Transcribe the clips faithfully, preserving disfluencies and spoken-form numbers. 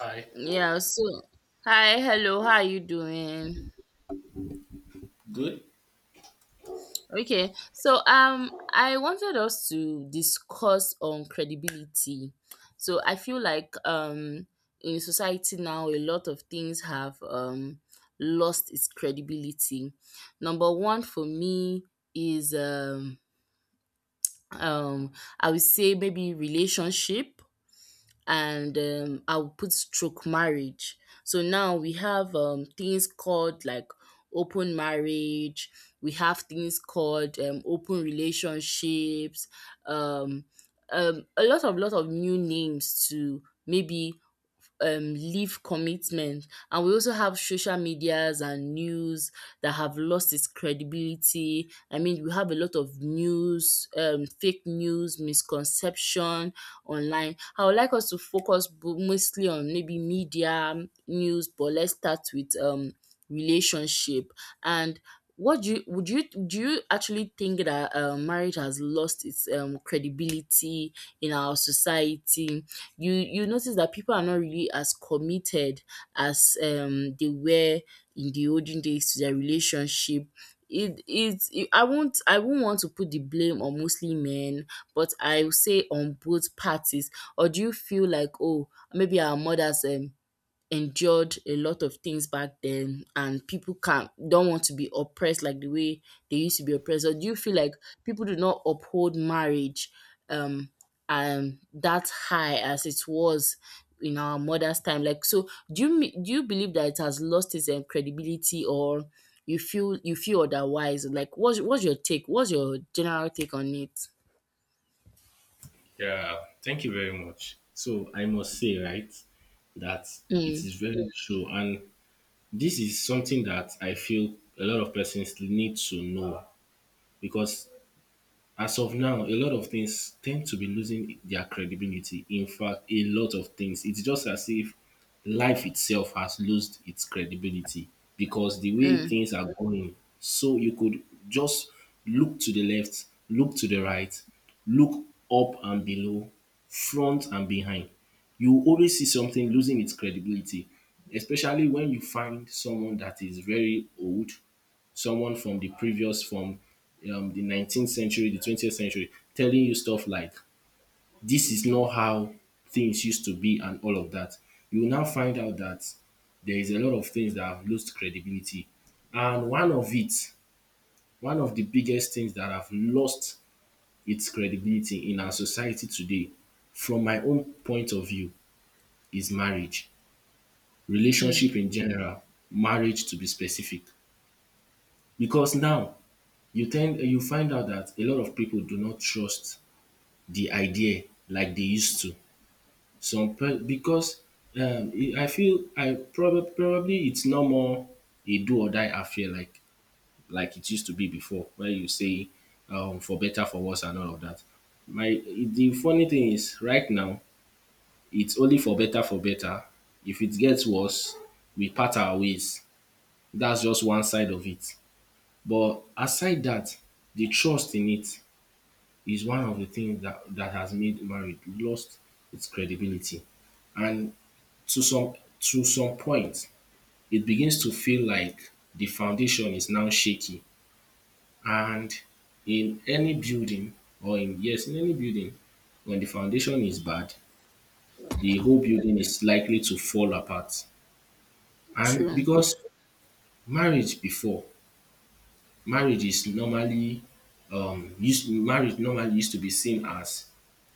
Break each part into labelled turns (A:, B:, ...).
A: Hi.
B: Yeah, so hi, hello, how are you doing? Okay, so um I wanted us to discuss on credibility. So I feel like um in society now a lot of things have um lost its credibility. Number one for me is um um I would say maybe relationship and um, I'll put stroke marriage. So now we have um, things called like open marriage, we have things called um, open relationships, um, um, a lot of lot of new names to maybe um leave commitment, and we also have social medias and news that have lost its credibility. I mean, we have a lot of news, um fake news, misconception online. I would like us to focus bo- mostly on maybe media news, but let's start with um relationship. And what do you would you do you actually think that um, marriage has lost its um, credibility in our society? You you notice that people are not really as committed as um they were in the olden days to their relationship. It it's it, i won't i won't want to put the blame on mostly men, but I will say on both parties. Or do you feel like, oh, maybe our mothers um endured a lot of things back then, and people can don't want to be oppressed like the way they used to be oppressed? Or do you feel like people do not uphold marriage um um that high as it was in our mother's time? Like, so do you me- do you believe that it has lost its um, credibility, or you feel you feel otherwise? Like, what's what's your take, what's your general take on it?
A: Yeah, thank you very much. So I must say, right, that it
B: mm,
A: is very true, and this is something that I feel a lot of persons need to know because as of now, a lot of things tend to be losing their credibility. In fact, a lot of things. It's just as if life itself has lost its credibility because the way
B: mm,
A: things are going, so you could just look to the left, look to the right, look up and below, front and behind. You always see something losing its credibility, especially when you find someone that is very old, someone from the previous from um, the nineteenth century, the twentieth century, telling you stuff like this is not how things used to be and all of that. You will now find out that there is a lot of things that have lost credibility, and one of it one of the biggest things that have lost its credibility in our society today, from my own point of view, is marriage,
B: mm,
A: relationship in general, marriage to be specific. Because now you tend you find out that a lot of people do not trust the idea like they used to. Some pe- because um, I I feel, I probably probably it's no more a do or die affair like like it used to be before, where you say um, for better, for worse, and all of that. My the funny thing is right now it's only for better, for better. If it gets worse, we part our ways. That's just one side of it. But aside that, the trust in it is one of the things that, that has made marriage lost its credibility. And, to some, to some point, it begins to feel like the foundation is now shaky. And in any building, or in, yes, in any building, when the foundation is bad, the whole building is likely to fall apart. And
B: true.
A: because marriage before, marriage is normally um used marriage normally used to be seen as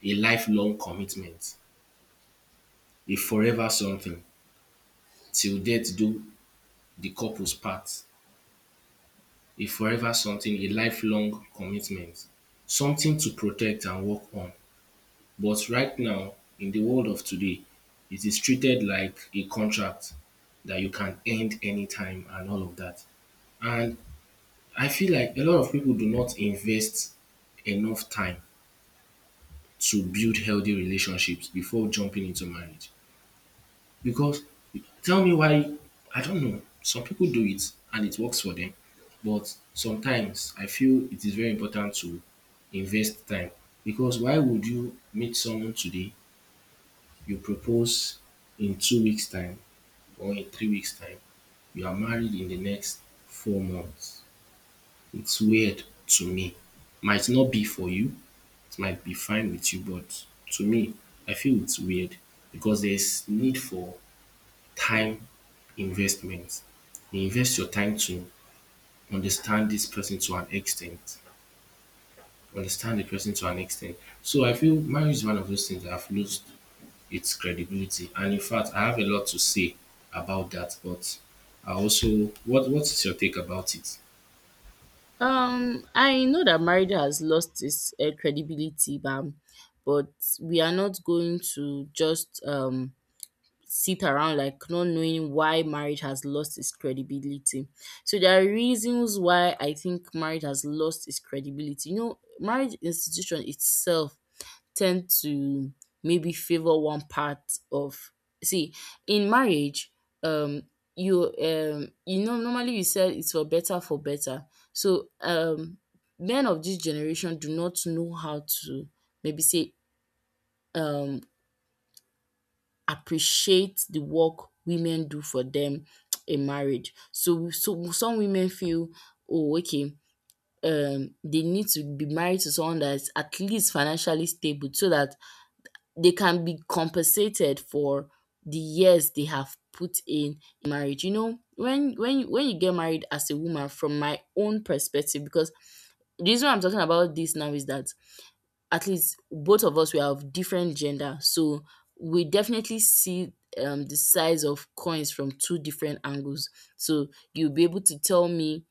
A: a lifelong commitment, a forever something. Till death do the couples part. A forever something, a lifelong commitment. Something to protect and work on. But right now, in the world of today, it is treated like a contract that you can end anytime and all of that. And I feel like a lot of people do not invest enough time to build healthy relationships before jumping into marriage. Because tell me why. I don't know. Some people do it and it works for them. But sometimes I feel it is very important to invest time. Because why would you meet someone today, you propose in two weeks' time or in three weeks' time, you are married in the next four months? It's weird to me. Might not be for you, it might be fine with you, but to me, I feel it's weird because there's need for time investment. You invest your time to understand this person to an extent, understand the person to an extent. So I feel marriage is one of those things that have lost its credibility. And in fact, I have a lot to say about that. But I also, what what is your take about it?
B: Um, I know that marriage has lost its uh, credibility, bam, but we are not going to just um sit around like not knowing why marriage has lost its credibility. So there are reasons why I think marriage has lost its credibility. You know, marriage institution itself tend to maybe favor one part of, see, in marriage, um you, um you know, normally, you said it's for better for better. So um men of this generation do not know how to maybe say um appreciate the work women do for them in marriage. So so some women feel, oh, okay, um they need to be married to someone that is at least financially stable so that they can be compensated for the years they have put in marriage. You know, when when you- when you get married as a woman, from my own perspective, because the reason why I'm talking about this now is that at least both of us we are of different gender, so we definitely see um the size of coins from two different angles. So you'll be able to tell me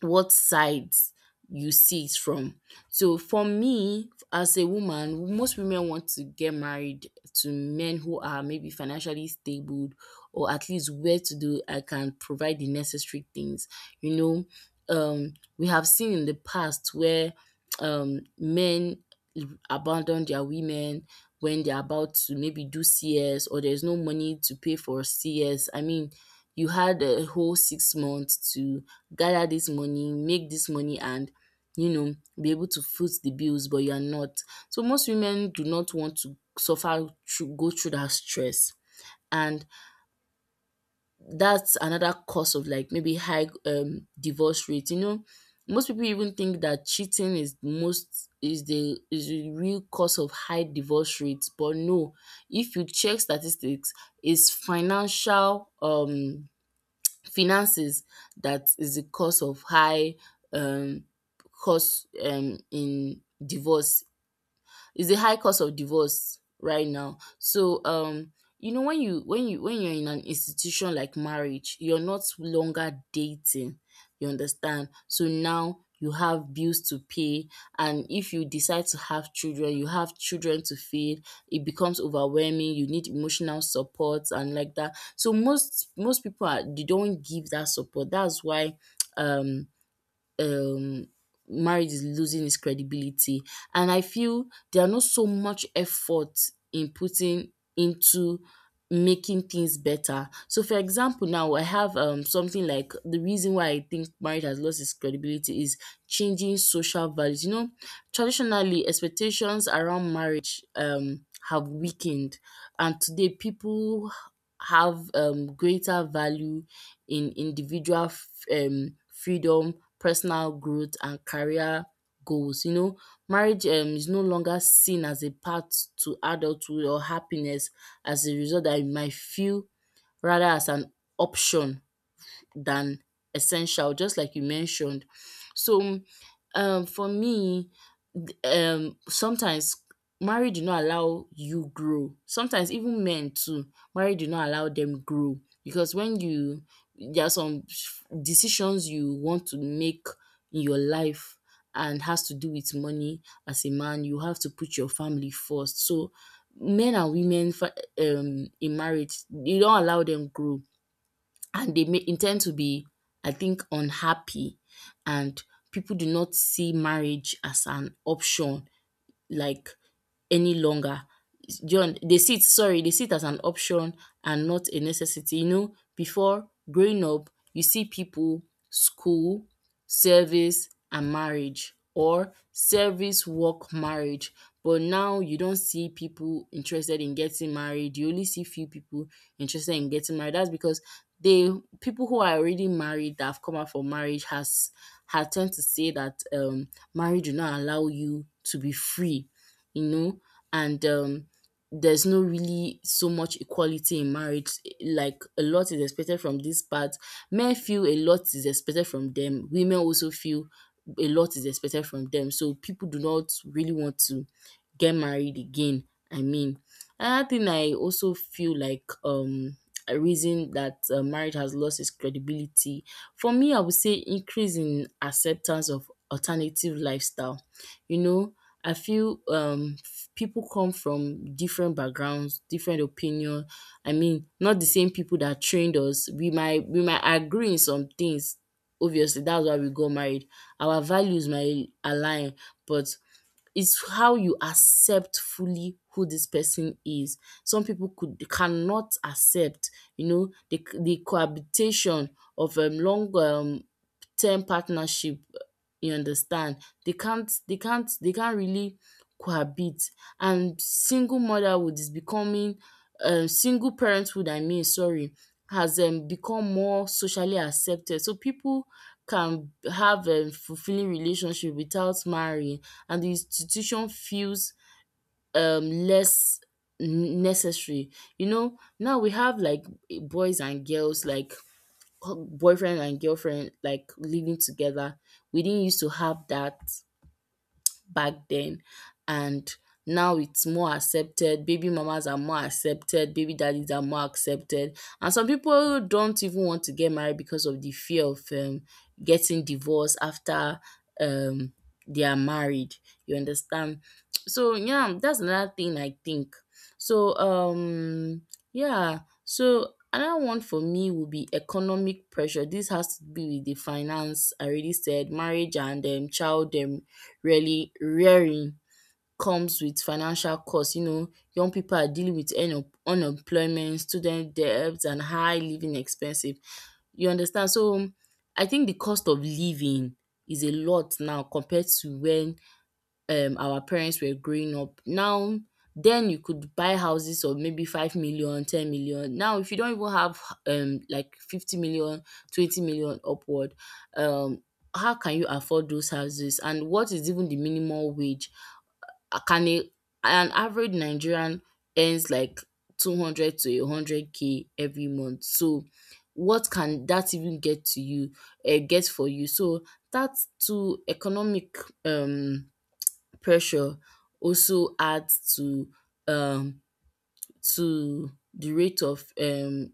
B: what sides you see it from. So for me, as a woman, most women want to get married to men who are maybe financially stable or at least where to do I can provide the necessary things. You know, um, we have seen in the past where um, men abandon their women when they're about to maybe do C S, or there's no money to pay for C S. I mean, you had a whole six months to gather this money, make this money, and you know, be able to foot the bills, but you are not. So most women do not want to suffer through, go through that stress. And that's another cause of like maybe high um divorce rate. You know, most people even think that cheating is most is the is the real cause of high divorce rates, but no, if you check statistics, it's financial, um finances, that is the cause of high um cost, um in divorce. It's a high cost of divorce right now. So um you know, when you when you when you're in an institution like marriage, you're not longer dating, you understand? So now you have bills to pay, and if you decide to have children, you have children to feed. It becomes overwhelming, you need emotional support and like that. So most most people are, they don't give that support. That's why um um marriage is losing its credibility. And I feel there are not so much effort in putting into making things better. So for example, now I have um something like, the reason why I think marriage has lost its credibility is changing social values. You know, traditionally, expectations around marriage um have weakened, and today people have um greater value in individual f- um freedom, personal growth, and career goals. You know, marriage um is no longer seen as a path to adulthood or happiness. As a result, I might feel, rather, as an option than essential, just like you mentioned. So, um, for me, th- um, sometimes marriage do not allow you grow. Sometimes even men too, marriage do not allow them grow, because when you, there are some decisions you want to make in your life, and has to do with money, as a man you have to put your family first. So men and women, fa- um in marriage, you don't allow them grow, and they may intend to be, I think, unhappy. And people do not see marriage as an option, like, any longer. Do you They see it, sorry, they see it as an option and not a necessity. You know, before, growing up, you see people, school, service, and marriage, or service, work, marriage. But now you don't see people interested in getting married. You only see few people interested in getting married. That's because they, people who are already married, that have come out for marriage, has have tend to say that um marriage do not allow you to be free, you know. And um there's no really so much equality in marriage. Like, a lot is expected from this part. Men feel a lot is expected from them, women also feel a lot is expected from them. So people do not really want to get married again. I mean, another thing I also feel like, um a reason that uh, marriage has lost its credibility, for me, I would say increase in acceptance of alternative lifestyle. You know, I feel um people come from different backgrounds, different opinion. I mean, not the same people that trained us. We might we might agree in some things. Obviously, that's why we got married. Our values might align, but it's how you accept fully who this person is. Some people could cannot accept, you know, the the cohabitation of um, long um, term partnership. You understand? They can't. They can't. They can't really cohabit. And single motherhood is becoming, um, single parenthood, I mean, sorry, has um, become more socially accepted. So people can have a fulfilling relationship without marrying, and the institution feels um less necessary. You know, now we have like boys and girls, like boyfriend and girlfriend, like living together. We didn't used to have that back then. And now it's more accepted, baby mamas are more accepted, baby daddies are more accepted, and some people don't even want to get married because of the fear of um, getting divorced after um, they are married, you understand? So yeah, that's another thing I think. So um yeah, so another one for me would be economic pressure. This has to be with the finance I already said. Marriage and um, child, um, really rearing, comes with financial costs. You know, young people are dealing with un- unemployment, student debts, and high living expenses. You understand? So I think the cost of living is a lot now compared to when um our parents were growing up. Now then you could buy houses of maybe five million, ten million. Now if you don't even have um like fifty million, twenty million upward, um how can you afford those houses? And what is even the minimum wage? Uh, Can a, an average Nigerian earns like two hundred to one hundred k every month. So what can that even get to you, uh, get for you? So that's to, economic um pressure also adds to um to the rate of um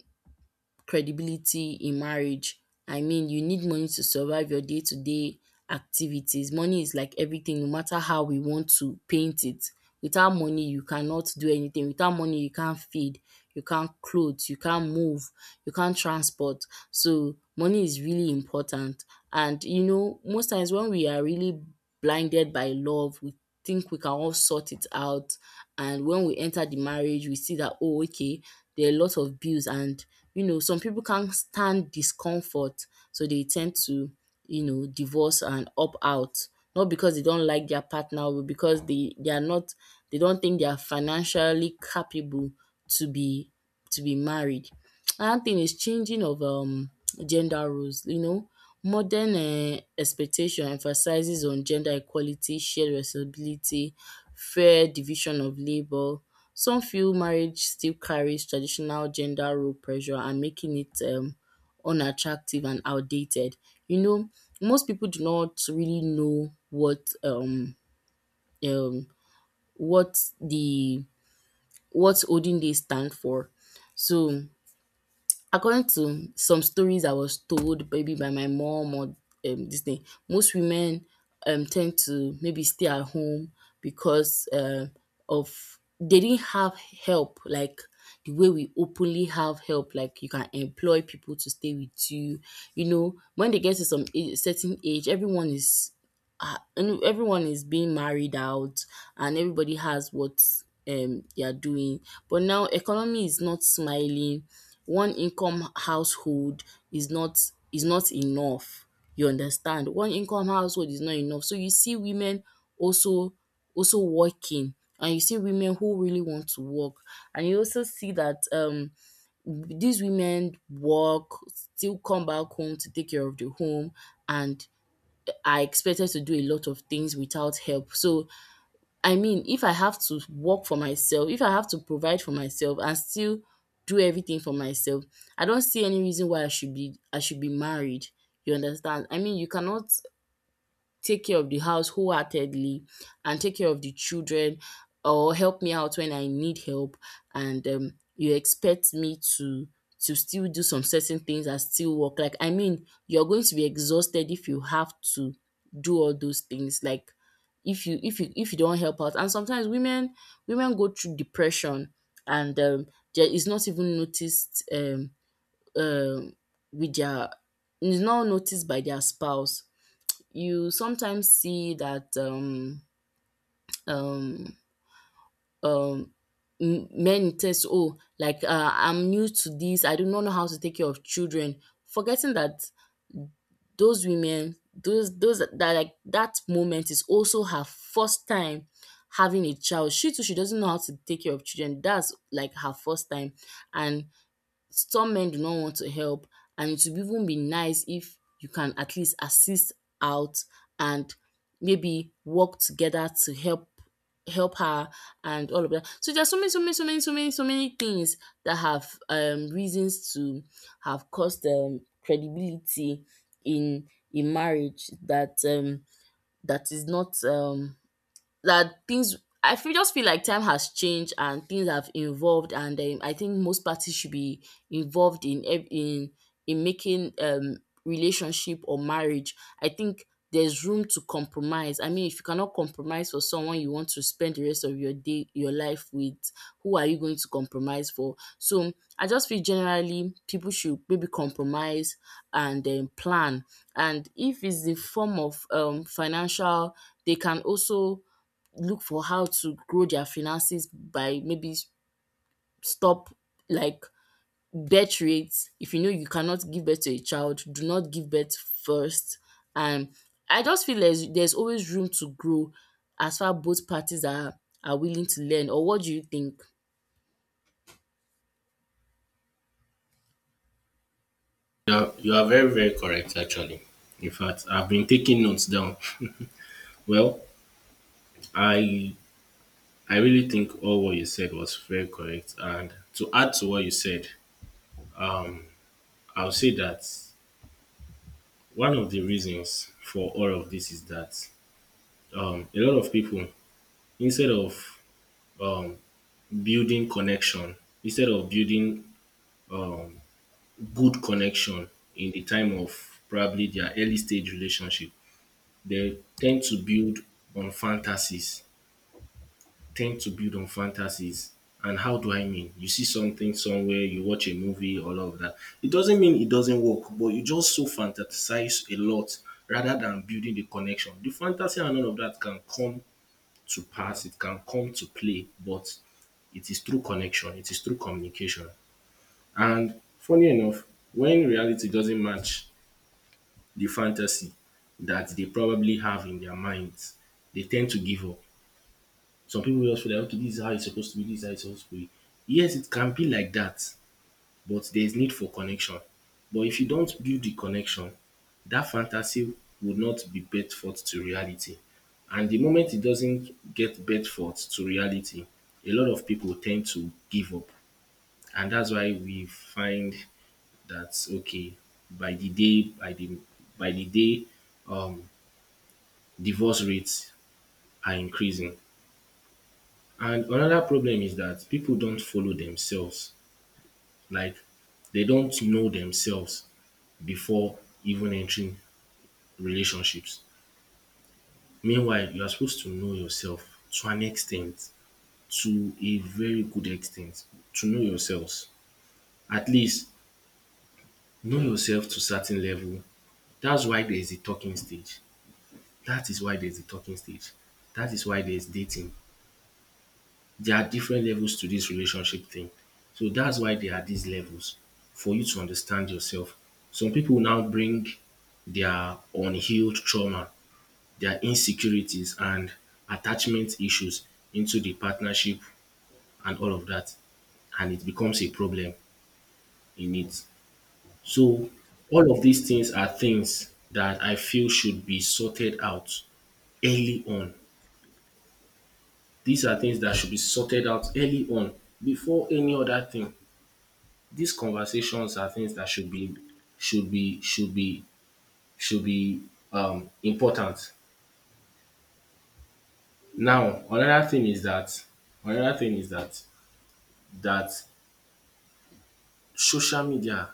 B: credibility in marriage. I mean, you need money to survive your day to day activities. Money is like everything, no matter how we want to paint it. Without money, you cannot do anything. Without money, you can't feed, you can't clothe, you can't move, you can't transport. So, money is really important. And, you know, most times when we are really blinded by love, we think we can all sort it out. And when we enter the marriage, we see that, oh, okay, there are a lot of bills. And you know, some people can't stand discomfort, so they tend to, you know, divorce and opt out. Not because they don't like their partner, but because they, they are not they don't think they are financially capable to be to be married. Another thing is changing of um gender roles, you know. Modern um expectation emphasizes on gender equality, shared responsibility, fair division of labor. Some feel marriage still carries traditional gender role pressure and making it um unattractive and outdated. You know, most people do not really know what um um what the what olden days stand for. So, according to some stories I was told maybe by my mom or um this thing, most women um tend to maybe stay at home because um of they didn't have help, like the way we openly have help, like you can employ people to stay with you. You know, when they get to some age certain age, everyone is uh, and everyone is being married out and everybody has what um they are doing. But now economy is not smiling. One income household is not is not enough. You understand? One income household is not enough, so you see women also also working, and you see women who really want to work. And you also see that um these women work still come back home to take care of the home and I expected to do a lot of things without help. So, I mean, if I have to work for myself, if I have to provide for myself and still do everything for myself, I don't see any reason why I should be I should be married. You understand? I mean, you cannot take care of the house wholeheartedly and take care of the children or help me out when I need help, and um, you expect me to to still do some certain things and still work. Like, I mean, you're going to be exhausted if you have to do all those things. Like, if you if you if you don't help out. And sometimes women women go through depression and um, there is not even noticed um, um, with their is not noticed by their spouse. You sometimes see that um, um, um, m- men test, oh, like uh, I'm new to this, I do not know how to take care of children, forgetting that those women, those those that that, like that moment is also her first time having a child. She too, she doesn't know how to take care of children. That's like her first time, and some men do not want to help. And it would even be nice if you can at least assist out and maybe work together to help help her and all of that. So there are so many, so many, so many, so many, so many things that have um reasons to have caused um credibility in in marriage that um that is not um that things, I feel, just feel like time has changed and things have evolved. And um, I think most parties should be involved in ev- in in making um relationship or marriage. I think there's room to compromise. I mean, if you cannot compromise for someone you want to spend the rest of your day, your life with, who are you going to compromise for? So I just feel generally people should maybe compromise and um, plan. And if it's the form of um, financial, they can also look for how to grow their finances by maybe s- stop, like, birth rates. If you know you cannot give birth to a child, do not give birth first. And I just feel there's there's always room to grow as far both parties are are willing to learn. Or what do you think?
A: You are, you are very very correct actually. In fact, I've been taking notes down. Well, I I really think all what you said was very correct. And to add to what you said, I'll say that one of the reasons for all of this is that um, a lot of people, instead of um, building connection, instead of building good connection in the time of probably their early stage relationship, they tend to build on fantasies, tend to build on fantasies. And how do I mean? You see something somewhere, you watch a movie, all of that. It doesn't mean it doesn't work, but you just so fantasize a lot rather than building the connection. The fantasy and all of that can come to pass, it can come to play, but it is through connection, it is through communication. And funny enough, when reality doesn't match the fantasy that they probably have in their minds, they tend to give up. Some people just feel like, okay, this is how it's supposed to be, this is how it's supposed to be. Yes, it can be like that, but there is need for connection. But if you don't build the connection, that fantasy would not be bet forth to reality. And the moment it doesn't get bet forth to reality, a lot of people tend to give up. And that's why we find that okay, by the day, by the by the day, um, divorce rates are increasing. And another problem is that people don't follow themselves. Like they don't know themselves before even entering relationships. Meanwhile, you are supposed to know yourself to an extent, to a very good extent, to know yourselves. At least know yourself to certain level. That's why there's a talking stage. That is why there's a talking stage. That is why there's dating. There are different levels to this relationship thing. So that's why there are these levels for you to understand yourself. Some people now bring their unhealed trauma, their insecurities and attachment issues into the partnership and all of that. And it becomes a problem in it. So all of these things are things that I feel should be sorted out early on. These are things that should be sorted out early on before any other thing. These conversations are things that should be should be should be should be um important. Now another thing is that another thing is that that social media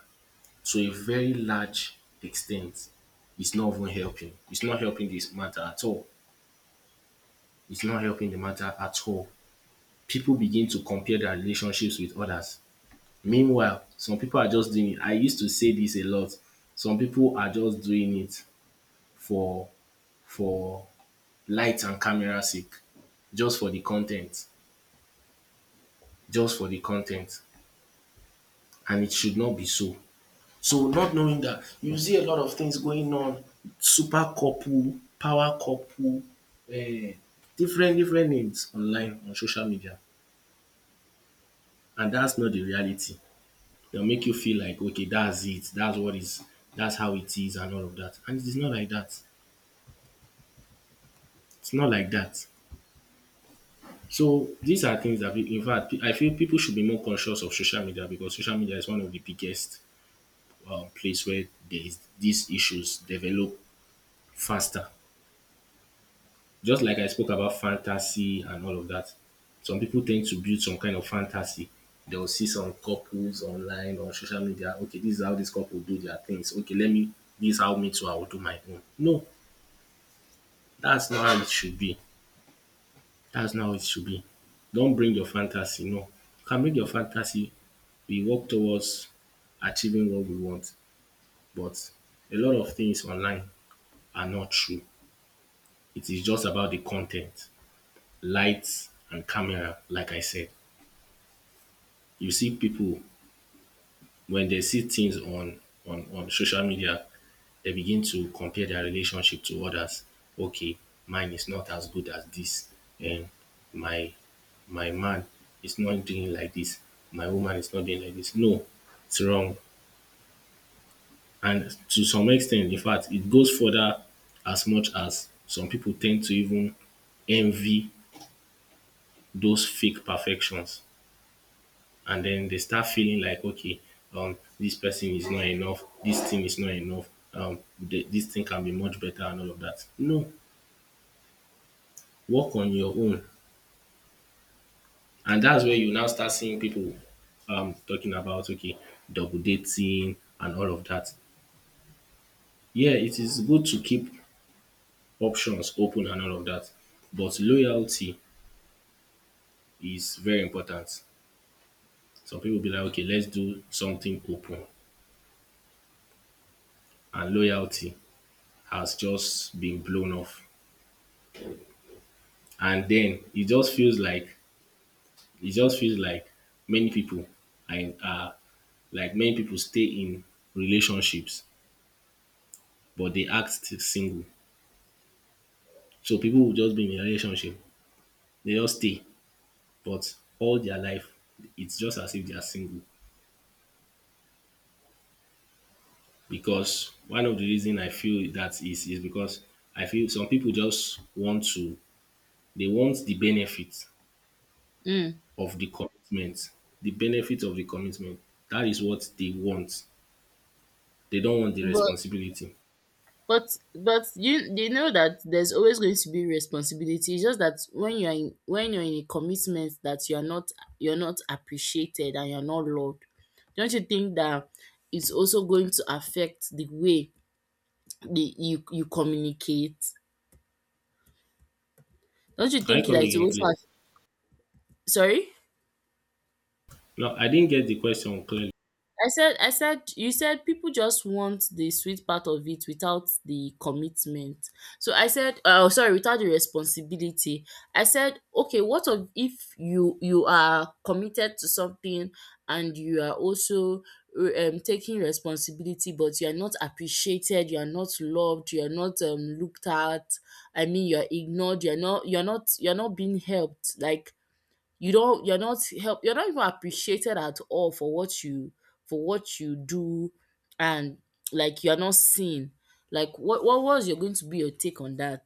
A: to a very large extent is not even helping. It's not helping this matter at all. It's not helping the matter at all. People begin to compare their relationships with others. Meanwhile, some people are just doing it. I used to say this a lot. Some people are just doing it for for light and camera sake, just for the con ten t, just for the con ten t, and it should not be so. So, not knowing that, you see a lot of things going on. Super couple, power couple, eh, different different names online on social media, and that's not the reality. They'll make you feel like okay, that's it, that's what is, that's how it is, and all of that. And it is not like that. It's not like that. So these are things that, we, in fact, I feel people should be more conscious of social media, because social media is one of the biggest um, place where there is these issues develop faster. Just like I spoke about fantasy and all of that, some people tend to build some kind of fantasy. They'll see some couples online on social media. Okay, this is how this couple do their things. Okay, let me, this is how me too, I will do my own. No, that's not how it should be. That's not how it should be. Don't bring your fantasy. No. You can bring your fantasy. We work towards achieving what we want, but a lot of things online are not true. It is just about the content, lights, and camera, like I said. You see pipu wen dem see tins on on on social media, dem begin to compare dia relationship to odas. Okay, mine is not as good as dis. um my my man is not doing like dis, my woman is not doing like dis. No, its wrong. And to some ex ten t, infact it goes further, as much as some pipu ten d to even envy those fake perfections, and then they start feeling like okay, um this person is not enough, this thing is not enough. um th- this thing can be much better and all of that. No, work on your own. And that's where you now start seeing people um talking about okay, double dating and all of that. Yeah, it is good to keep options open and all of that, but loyalty is very important. Some people be like okay, let's do something open, and loyalty has just been blown off. And then it just feels like, it just feels like many people, and in, like many people stay in relationships but they act still single. So people will just be in a relationship, they just stay, but all their life it's just as if they are single. Because one of the reason I feel that is is because I feel some people just want to, they want the benefit
B: Mm.
A: of the commitment, the benefit of the commitment that is what they want. They don't want the
B: But
A: responsibility.
B: But but you, they know that there's always going to be responsibility. It's just that when you're in when you're in a commitment that you're not you're not appreciated and you're not loved, don't you think that it's also going to affect the way the you you communicate? Don't you
A: Can
B: think
A: you come
B: that it
A: again,
B: also
A: please?
B: aff- sorry?
A: No, I didn't get the question clearly.
B: I said I said you said people just want the sweet part of it without the commitment. So I said, oh, sorry, without the responsibility. I said, okay, what of if you you are committed to something and you are also um taking responsibility but you are not appreciated, you are not loved, you are not um looked at. I mean, you are ignored, you are not you are not you are not being helped. Like, you don't you're not help you're not even appreciated at all for what you for what you do, and like you're not seen. Like, what what was your going to be your take on that?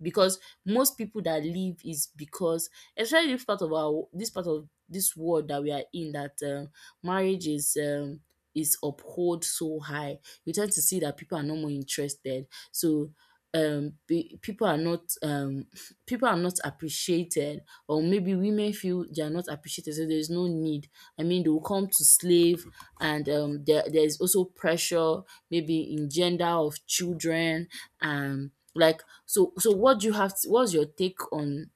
B: Because most people that leave is because, especially this part of our this part of this world that we are in, that um, marriage is um is uphold so high, you tend to see that people are no more interested. So um pe- people are not um people are not appreciated, or maybe women feel they are not appreciated, so there's no need. I mean, they will come to slave. And um there, there's also pressure maybe in gender of children, um like, so, so what do you have to, what's your take on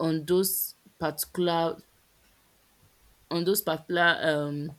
B: on those particular on those particular um